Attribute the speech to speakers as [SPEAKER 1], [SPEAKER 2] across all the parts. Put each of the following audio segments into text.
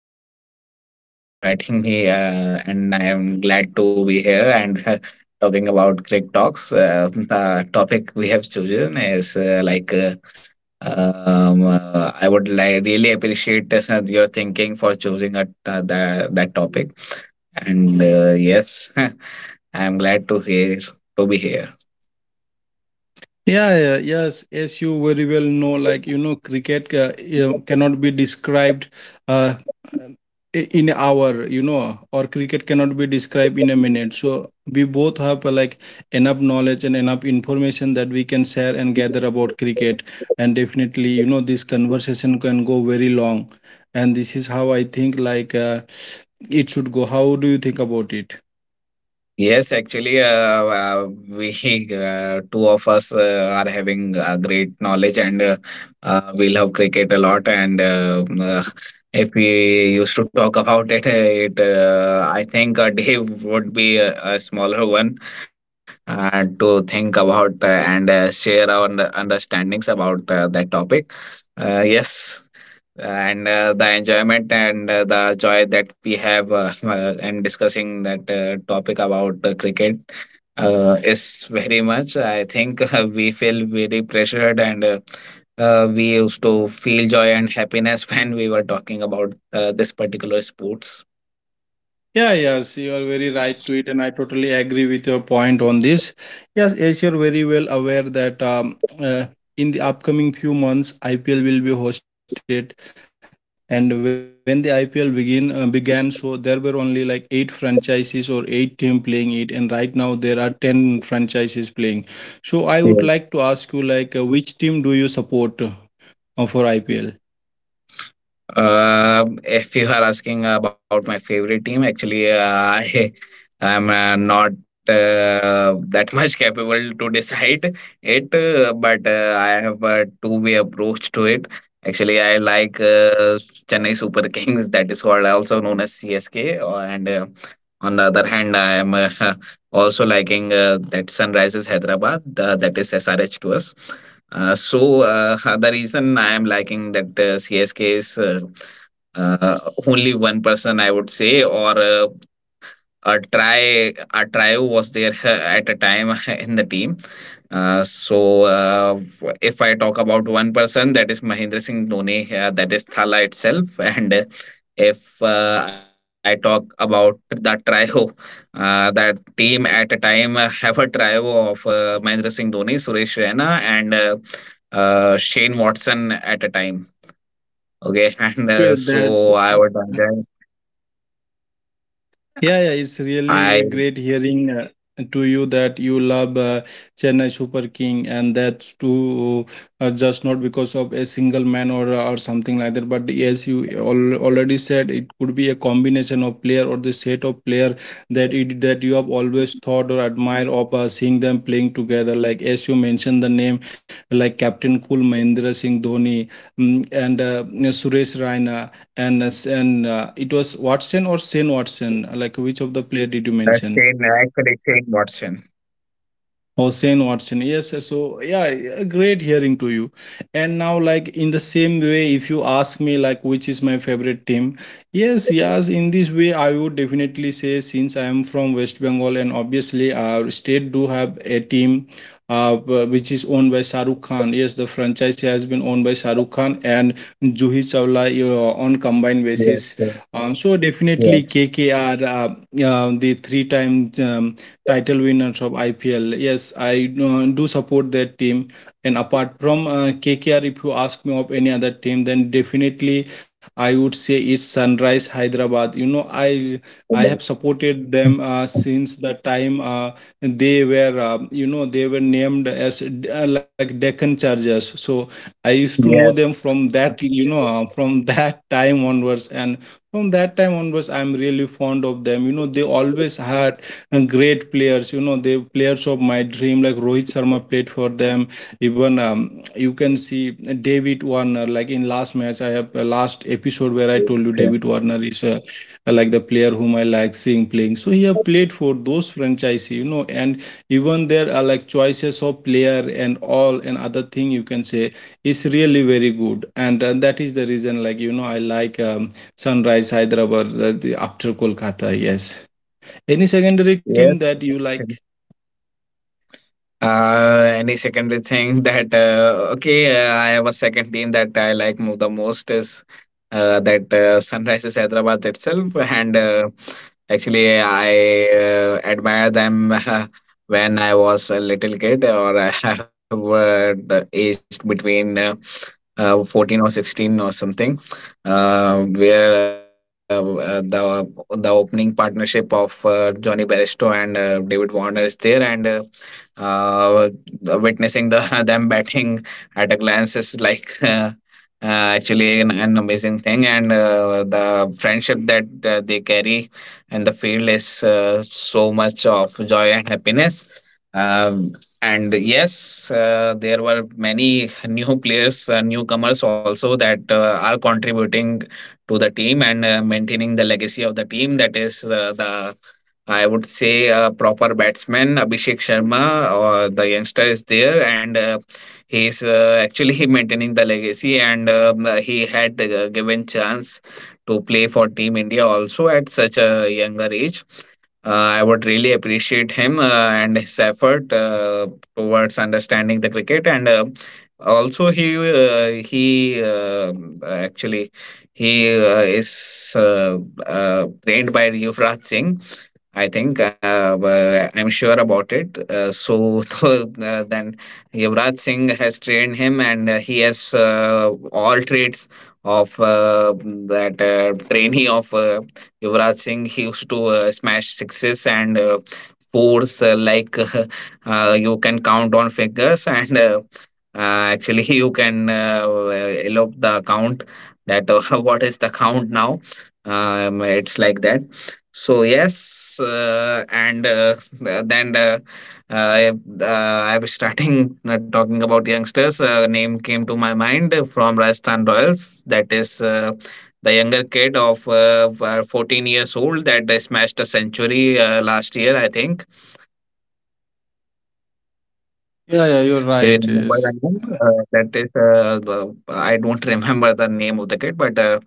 [SPEAKER 1] Thank you so much for inviting me, and I am glad to be here and talking about Greek Talks. The topic we have chosen is I would like really appreciate your thinking for choosing that topic. And yes, I am glad to hear to be here.
[SPEAKER 2] Yeah, yeah, yes, as you very well know, like you know, cricket you cannot be described uh, in an hour, you know, or cricket cannot be described in a minute. So we both have like enough knowledge and enough information that we can share and gather about cricket. And definitely, you know, this conversation can go very long. And this is how I think it should go. How do you think about it?
[SPEAKER 1] Yes, actually, we two of us are having great knowledge, and we love cricket a lot. And if we used to talk about it, I think a day would be a smaller one to think about and share our understandings about that topic. Yes, and the enjoyment and the joy that we have and discussing that topic about cricket is very much, I think, we feel very pressured, and we used to feel joy and happiness when we were talking about this particular sports.
[SPEAKER 2] Yeah, yes, you are very right to it, and I totally agree with your point on this. Yes, as you're very well aware that uh, in the upcoming few months, IPL will be hosted, and when the IPL begin began, so there were only like eight franchises or eight team playing it, and right now there are ten franchises playing. So I would like to ask you, like, which team do you support for IPL?
[SPEAKER 1] If you are asking about my favorite team, actually, I am not that much capable to decide it, but I have a two-way approach to it. Actually, I like Chennai Super Kings, that is called also known as CSK, and on the other hand, I am also liking that Sunrises Hyderabad, that is SRH to us. So the reason I am liking that CSK is uh, only one person I would say, or a try a trio was there at a time in the team. Uh, so uh, if I talk about one person, that is Mahendra Singh Dhoni, that is Thala itself. And if I talk about the trio, that team at a time have a trio of Mahindra Singh Dhoni, Suresh Raina, and Shane Watson at a time. Okay. And
[SPEAKER 2] Okay, that's
[SPEAKER 1] so I would
[SPEAKER 2] yeah, yeah, it's really a
[SPEAKER 1] I
[SPEAKER 2] great hearing to you that you love Chennai Super King, and that's too just not because of a single man or something like that. But as you al already said, it could be a combination of player or the set of player that it that you have always thought or admired of seeing them playing together. Like as you mentioned the name, like Captain Cool Mahendra Singh Dhoni, mm, and Suresh Raina and it was Watson or Shane Watson. Like which of the player did you mention?
[SPEAKER 1] shane actually Shane Watson.
[SPEAKER 2] Oh, Shane Watson. Yes. So, yeah, yeah, great hearing to you. And now, like, in the same way, if you ask me, like, which is my favorite team, yes, yes, in this way, I would definitely say, since I am from West Bengal, and obviously, our state do have a team. Which is owned by Shahrukh Khan. Yes, the franchise has been owned by Shahrukh Khan and Juhi Chawla on combined
[SPEAKER 1] Yes,
[SPEAKER 2] basis.
[SPEAKER 1] yes,
[SPEAKER 2] So definitely
[SPEAKER 1] yes,
[SPEAKER 2] KKR, the three-time title winners of IPL. Yes, I do support that team. And apart from KKR, if you ask me of any other team, then definitely I would say it's Sunrise Hyderabad. You know, I have supported them since the time they were, you know, they were named as like Deccan Chargers. So I used to
[SPEAKER 1] yes,
[SPEAKER 2] know them from that, you know, from that time onwards. And from that time onwards I'm really fond of them, you know, they always had great players. You know, the players of my dream, like Rohit Sharma played for them. Even you can see David Warner, like in last match, I have last episode where
[SPEAKER 1] yes,
[SPEAKER 2] I told you David Warner is like the player whom I like seeing playing. So he have played for those franchise, you know, and even there are like choices of player and all and other thing you can say is really very good. And that is the reason, like, you know, I like Sunrise Hyderabad after Kolkata, yes. Any secondary
[SPEAKER 1] yes,
[SPEAKER 2] team that
[SPEAKER 1] yes,
[SPEAKER 2] you
[SPEAKER 1] yes.
[SPEAKER 2] like?
[SPEAKER 1] Any secondary thing that, okay, I have a second team that I like the most is that Sunrises Hyderabad itself, and actually I admire them when I was a little kid, or I have aged between 14 or 16 or something, where the opening partnership of Johnny Bairstow and David Warner is there, and uh, witnessing the them batting at a glance is like actually an amazing thing, and the friendship that they carry in the field is so much of joy and happiness. Um, and yes, there were many new players, newcomers also, that are contributing to the team and maintaining the legacy of the team. That is the I would say, a proper batsman, Abhishek Sharma, or the youngster is there, and he is actually maintaining the legacy, and he had given chance to play for Team India also at such a younger age. I would really appreciate him and his effort towards understanding the cricket, and also he actually he is trained by Yuvraj Singh, I think. I'm sure about it. So then Yuvraj Singh has trained him, and he has all traits of that trainee of Yuvraj Singh. He used to smash sixes and force like you can count on fingers and actually you can elope the count. That what is the count now? It's like that. So yes, and then uh, I was starting talking about youngsters. Name came to my mind from Rajasthan Royals, that is the younger kid of 14 years old that smashed a century last year, I think.
[SPEAKER 2] Yeah, yeah, you're right.
[SPEAKER 1] In Mumbai,
[SPEAKER 2] Yes,
[SPEAKER 1] I know. That is, I don't remember the name of the kid, but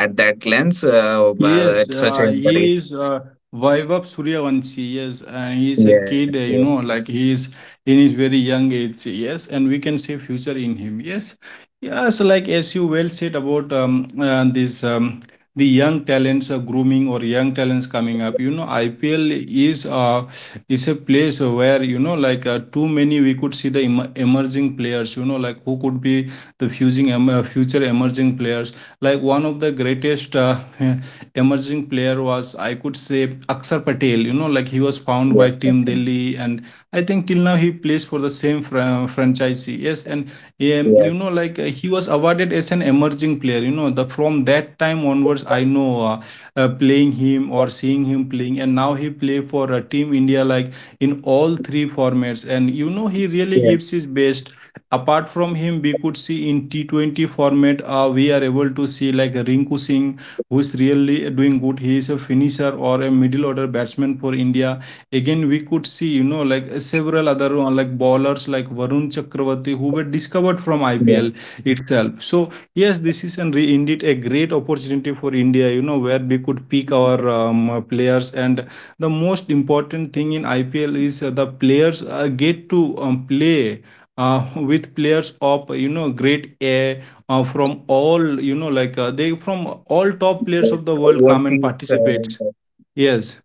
[SPEAKER 1] at that lens,
[SPEAKER 2] yes,
[SPEAKER 1] at such a younger age.
[SPEAKER 2] he is Vaibhav Suryavanshi. Yes, and he's a
[SPEAKER 1] Yes,
[SPEAKER 2] kid.
[SPEAKER 1] yes,
[SPEAKER 2] You know, like he is in his very young age. Yes, and we can see future in him. Yes, yes. Like as you well said about this the young talents grooming or young talents coming up. You know, IPL is uh is a place where you know like too many we could see the emerging players. You know, like who could be the future emerging players. Like one of the greatest emerging player was I could say Akshar Patel. You know, like he was found
[SPEAKER 1] yes,
[SPEAKER 2] by Team
[SPEAKER 1] definitely.
[SPEAKER 2] Delhi, and I think till now he plays for the same franchise. Yes, and
[SPEAKER 1] Yes,
[SPEAKER 2] you know, like he was awarded as an emerging player. You know, the from that time onwards, I know playing him or seeing him playing, and now he play for Team India like in all 3 formats, and you know he really
[SPEAKER 1] yes,
[SPEAKER 2] gives his best. Apart from him, we could see in T20 format, we are able to see like Rinku Singh, who is really doing good. He is a finisher or a middle order batsman for India. Again, we could see, you know, like several other like bowlers like Varun Chakravarti, who were discovered from IPL
[SPEAKER 1] yes,
[SPEAKER 2] itself. So, yes, this is an indeed a great opportunity for India, you know, where we could pick our players, and the most important thing in IPL is the players get to play with players of you know great air from all you know like they from all top players
[SPEAKER 1] yes.
[SPEAKER 2] of the world come and
[SPEAKER 1] Overseas.
[SPEAKER 2] participate, yes,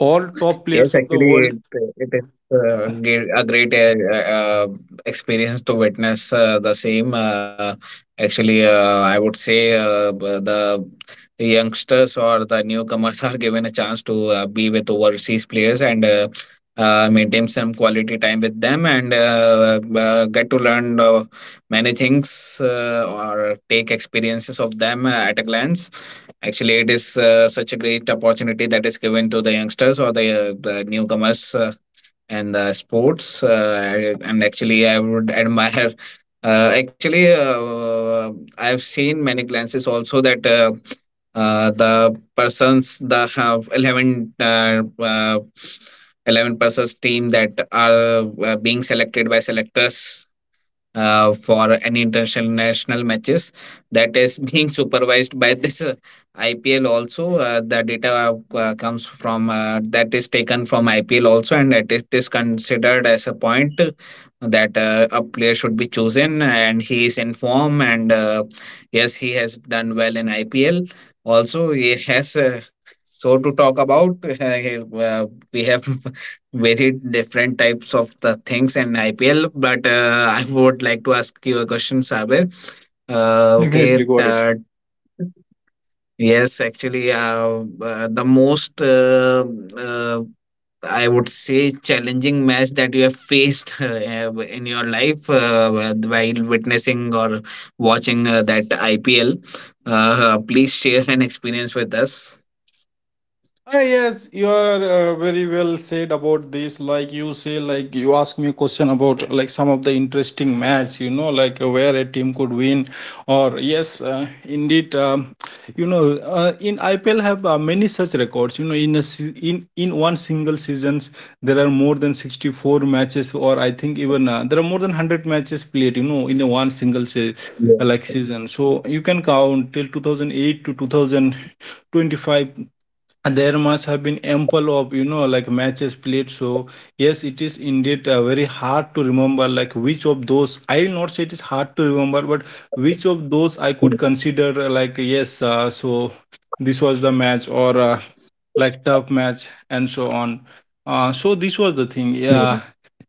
[SPEAKER 2] all top
[SPEAKER 1] Yes,
[SPEAKER 2] players of the
[SPEAKER 1] actually,
[SPEAKER 2] world.
[SPEAKER 1] it is a great uh, experience to witness the same. Actually, I would say the youngsters or the newcomers are given a chance to be with overseas players and maintain some quality time with them, and get to learn many things, or take experiences of them at a glance. Actually, it is such a great opportunity that is given to the youngsters or the newcomers in the sports. And actually, I would admire. Actually, I've seen many glances also that the persons that have 11 persons team that are being selected by selectors for any international matches, that is being supervised by this IPL also. The data comes from that is taken from IPL also, and that it is considered as a point that a player should be chosen, and he is in form, and yes, he has done well in IPL. Also, he has. So to talk about, uh, we have very different types of the things in IPL. But I would like to ask you a question, Sabir.
[SPEAKER 2] Definitely
[SPEAKER 1] Okay.
[SPEAKER 2] go ahead.
[SPEAKER 1] Yes, actually, the most uh, I would say challenging match that you have faced in your life while witnessing or watching that IPL. Please share an experience with us.
[SPEAKER 2] Ah, yes, you are very well said about this. Like you say, like you ask me a question about like some of the interesting match, you know, like where a team could win, or yes, indeed, you know, in IPL have many such records. You know, in a se- in one single seasons, there are more than 64 matches, or I think even there are more than 100 matches played. You know, in a one single se-
[SPEAKER 1] Yeah.
[SPEAKER 2] like season, so you can count till 2008 to 2025. And there must have been ample of, you know, like matches played. So yes, it is indeed very hard to remember like which of those I will not say it is hard to remember, but which of those I could consider like yes so this was the match or like tough match and so on, so this was the thing,
[SPEAKER 1] Yes.
[SPEAKER 2] yeah.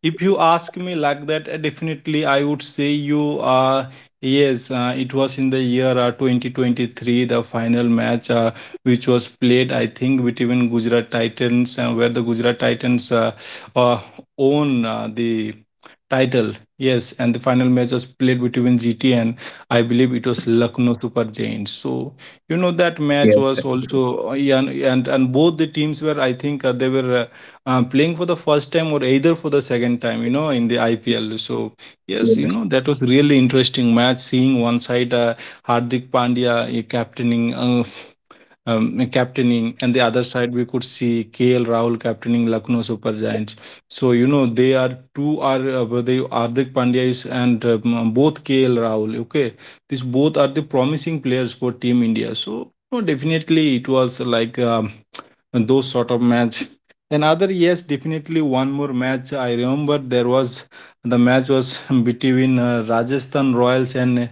[SPEAKER 2] If you ask me like that definitely I would say you yes it was in the year 2023, the final match which was played, I think, between Gujarat Titans, and where the Gujarat Titans uh, own the title. Yes, and the final match was played between GT and I believe it was Lucknow Super Giants. So you know that match was
[SPEAKER 1] Yes.
[SPEAKER 2] also yeah, and both the teams were, I think they were playing for the first time or either for the second time. You know, in the IPL. So yes, you know
[SPEAKER 1] Yes.
[SPEAKER 2] that was really interesting match. Seeing one side Hardik Pandya captaining captaining, and the other side we could see KL Rahul captaining Lucknow Super Giants. So you know they are two are they Hardik Pandya is and both KL Rahul. Okay, these both are the promising players for Team India. So no, definitely it was like. Those sort of match. Another yes, definitely one more match. I remember there was the match was between Rajasthan Royals and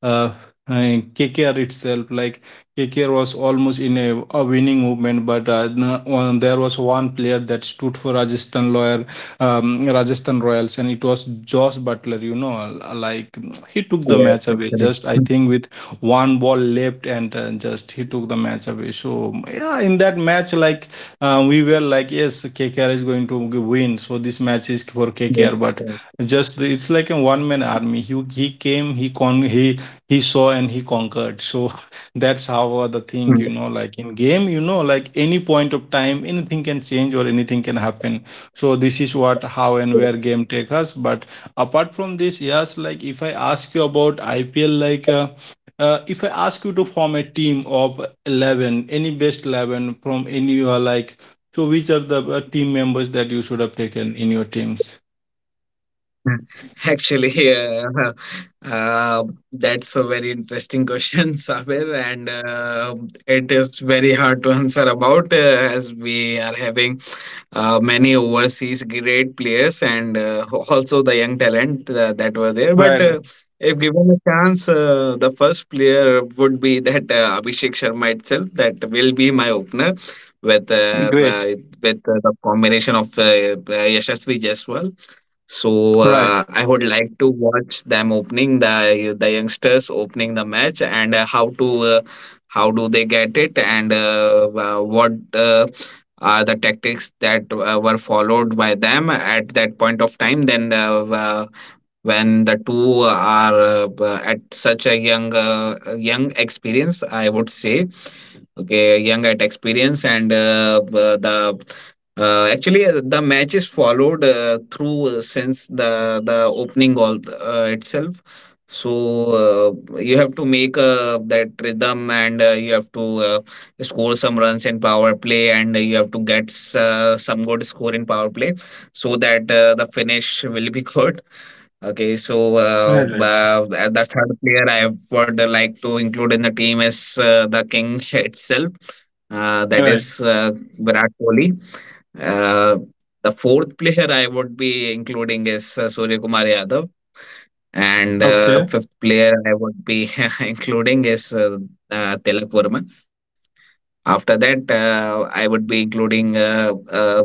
[SPEAKER 2] uh, uh, KKR itself. Like KKR was almost in a winning movement, but there was one player that stood for Rajasthan Royal Rajasthan Royals, and it was Josh Butler. You know, like he took the
[SPEAKER 1] Yes.
[SPEAKER 2] match away.
[SPEAKER 1] Actually.
[SPEAKER 2] Just I
[SPEAKER 1] Mm,
[SPEAKER 2] think with one ball left, and just he took the match away. So yeah, in that match, like we were like, yes, KKR is going to win. So this match is for KKR. KKR, but
[SPEAKER 1] yes.
[SPEAKER 2] just the, it's like a one man army. He came, he saw and he conquered. So that's how the thing, you
[SPEAKER 1] Yes.
[SPEAKER 2] know, like in game, you know, like any point of time, anything can change or anything can happen. So this is what how and where game take us. But apart from this, yes, like if I ask you about IPL, like. If I ask you to form a team of 11, any best 11 from any you are like, so which are the team members that you should have taken in your teams?
[SPEAKER 1] Actually, uh, that's a very interesting question, Sabir, and it is very hard to answer about, as we are having many overseas great players, and also the young talent that were there. But
[SPEAKER 2] Right, right.
[SPEAKER 1] if given a chance, the first player would be that Abhishek Sharma itself. That will be my opener with uh, uh,
[SPEAKER 2] Great.
[SPEAKER 1] with the combination of Yashasvi Jaiswal. So
[SPEAKER 2] Right.
[SPEAKER 1] uh, I would like to watch them opening the youngsters opening the match, and how do they get it, and what are the tactics that were followed by them at that point of time. Then when the two are at such a young experience, I would say, okay, young at experience. And b- the actually, the match is followed through, since the opening goal itself. So you have to make that rhythm, and you have to score some runs in power play, and you have to get some good score in power play, so that the finish will be good. Okay, so uh,
[SPEAKER 2] Right, right,
[SPEAKER 1] uh, the third player I would like to include in the team is the king itself. That
[SPEAKER 2] right.
[SPEAKER 1] is Virat Kohli. Uh, the fourth player I would be including is Surya Kumar Yadav, and
[SPEAKER 2] Okay,
[SPEAKER 1] fifth player I would be including is Tilak Verma. After that, I would be including.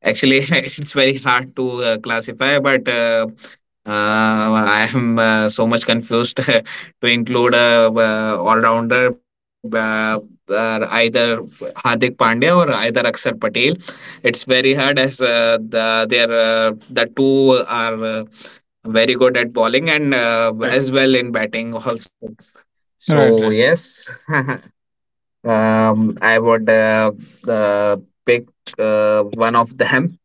[SPEAKER 1] Actually, it's very hard to classify, but I am so much confused to include a all rounder, either Hardik Pandya or either Akshar Patel. It's very hard, as their the two are very good at bowling and
[SPEAKER 2] right,
[SPEAKER 1] as well in batting also.
[SPEAKER 2] right,
[SPEAKER 1] So
[SPEAKER 2] right.
[SPEAKER 1] yes, I would uh, pick one of them.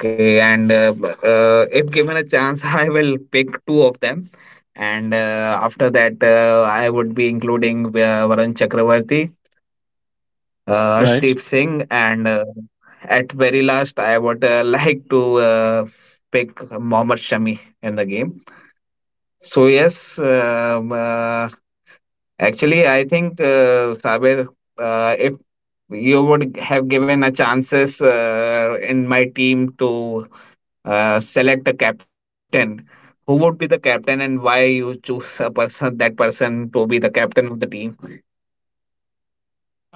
[SPEAKER 1] Okay, and if given a chance, I will pick two of them. And after that, I would be including Varun Chakravarti,
[SPEAKER 2] Right.
[SPEAKER 1] Harshdeep Singh, and at very last, I would like to pick Mohammad Shami in the game. So yes, actually, I think, Saber, if you would have given a chances in my team to select a captain, who would be the captain, and why you choose a person that person to be the captain of the team?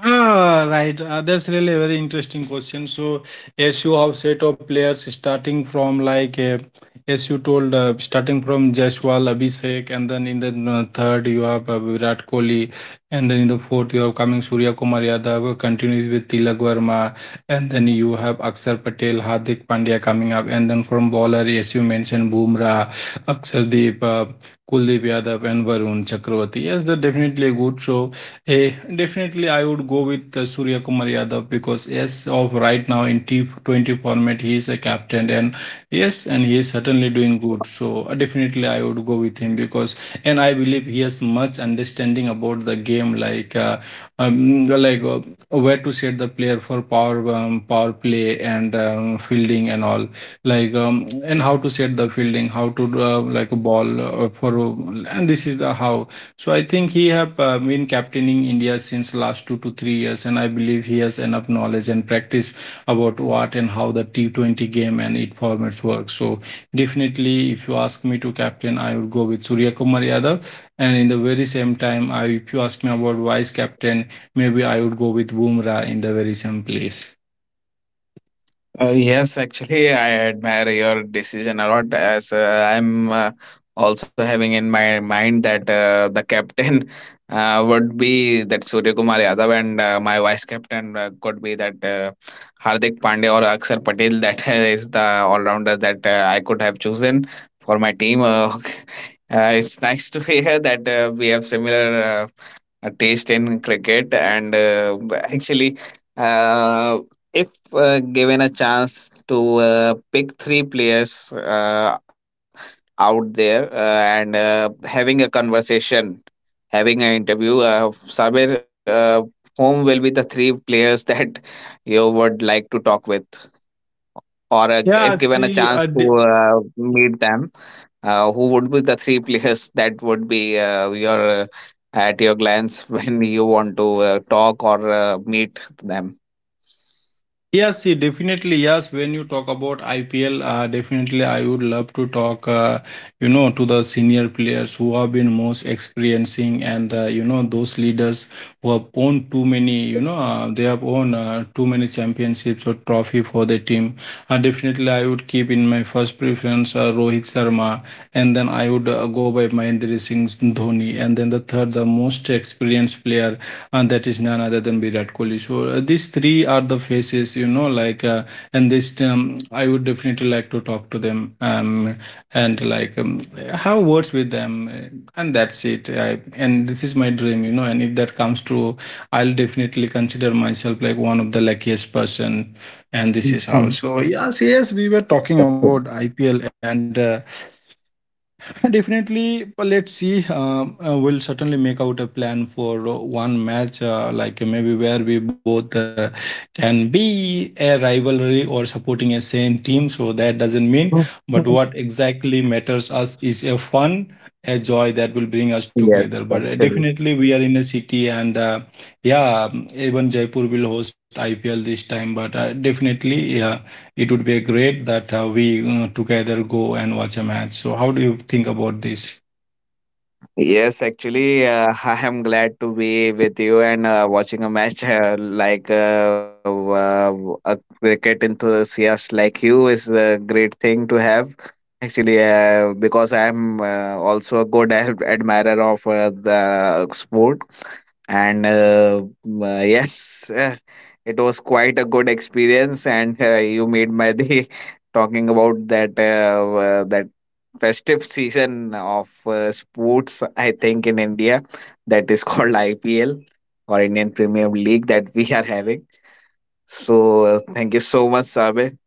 [SPEAKER 2] Ah, right. That's really a very interesting question. So, as you have set of players starting from as you told, starting from Jaiswal, Abhishek, and then in the third you have Virat Kohli, and then in the fourth you have coming Surya Kumar Yadav, who continues with Tilak Verma, and then you have Akshar Patel, Hardik Pandya coming up, and then from bowler, as you mentioned, Bumrah, Akshar Deep, Kuldeep Yadav, and Varun Chakravarti. Yes, they're definitely a good show. Definitely, I would go with Surya Kumar Yadav because yes, of right now in T20 format, he is a captain, and yes, and he is certainly doing good. So definitely, I would go with him because, and I believe he has much understanding about the game, um, like uh, where to set the player for power play and fielding and all and how to set the fielding how to like a ball for and this is the how so I think he have been captaining India since last 2 to 3 years, and I believe he has enough knowledge and practice about what and how the T20 game and its formats work. So definitely, if you ask me to captain, I would go with Surya Kumar Yadav. And in the very same time, if you ask me about vice captain, maybe I would go with Bumrah in the very same place.
[SPEAKER 1] Yes, actually, I admire your decision a lot, as I'm also having in my mind that the captain would be that Surya Kumar Yadav, and my vice captain could be that Hardik Pandya or Akshar Patel. That is the all-rounder that I could have chosen for my team. It's nice to hear that we have similar taste in cricket, and actually, uh, if given a chance to pick three players out there, and having a conversation having an interview, Saber, whom will be the three players that you would like to talk with? Or if
[SPEAKER 2] Yeah,
[SPEAKER 1] given a
[SPEAKER 2] see,
[SPEAKER 1] chance
[SPEAKER 2] I,
[SPEAKER 1] to
[SPEAKER 2] d-
[SPEAKER 1] uh, meet them, who would be the three players that would be your at your glance when you want to talk or meet them?
[SPEAKER 2] Yes, see, definitely. Yes, when you talk about IPL, definitely I would love to talk, you know, to the senior players who have been most experiencing, and, you know, those leaders who have won too many, you know, they have won too many championships or trophy for the team. Definitely, I would keep in my first preference Rohit Sharma, and then I would go by Mahendra Singh Dhoni, and then the third, the most experienced player, and that is none other than Virat Kohli. So these three are the faces, you know, like and this I would definitely like to talk to them, and like have words with them, and that's it. And this is my dream, you know. And if that comes true, I'll definitely consider myself like one of the luckiest person. And this is how.
[SPEAKER 1] Mhm.
[SPEAKER 2] So yes, yes, we were talking
[SPEAKER 1] That's
[SPEAKER 2] about
[SPEAKER 1] true.
[SPEAKER 2] IPL and. Uh, Definitely, but let's see. We'll certainly make out a plan for one match, maybe where we both can be a rivalry or supporting a same team. So that doesn't mean, but
[SPEAKER 1] Mhm.
[SPEAKER 2] what exactly matters us is a fun, a joy that will bring us
[SPEAKER 1] Yes,
[SPEAKER 2] together. But
[SPEAKER 1] actually.
[SPEAKER 2] definitely, we are in a city, and yeah, even Jaipur will host IPL this time. But definitely, yeah, it would be a great that we together go and watch a match. So how do you think about this?
[SPEAKER 1] Yes, actually, I am glad to be with you and watching a match like a cricket enthusiast like you is a great thing to have. Actually, because I am also a good admirer of the sport, and yes, it was quite a good experience, and you made my day talking about that festive season of sports, I think, in India, that is called IPL, or Indian Premier League, that we are having. So, thank you so much, Sabe.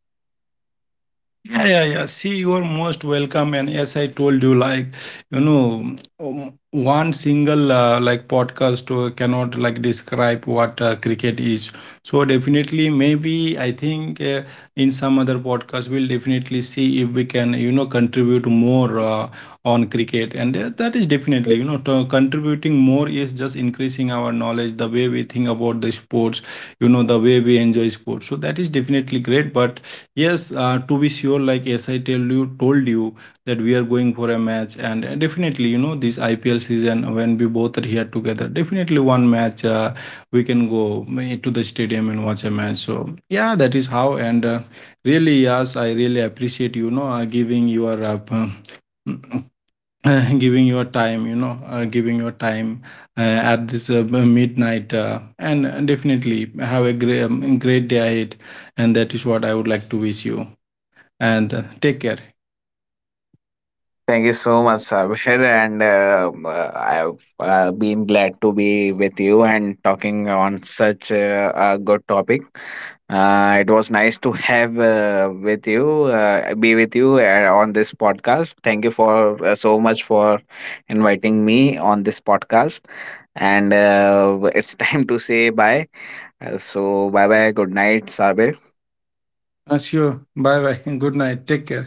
[SPEAKER 2] Yeah, yeah, yeah. See, you are most welcome. And yes, I told you, like, you know, one single like podcast cannot like describe what cricket is. So definitely, maybe I think in some other podcast we'll definitely see if we can, you know, contribute more on cricket. And that is definitely, you know, to contributing more is just increasing our knowledge, the way we think about the sports, you know, the way we enjoy sports. So that is definitely great. But yes, to be sure, like as I told you that we are going for a match, and definitely, you know, this IPL season when we both are here together, definitely one match we can go to the stadium and watch a match. So yeah, that is how. And yes, I really appreciate you know giving your p- mm, giving your time, you know giving your time uh, at this b- midnight, and definitely have a great, great day ahead, and that is what I would like to wish you. And take care.
[SPEAKER 1] Thank you so much, Sabir, and I've been glad to be with you and talking on such a good topic. It was nice to be with you on this podcast. Thank you for so much for inviting me on this podcast, and it's time to say bye. So bye bye, good night, Sabir.
[SPEAKER 2] Sure, bye bye. Good night, take care.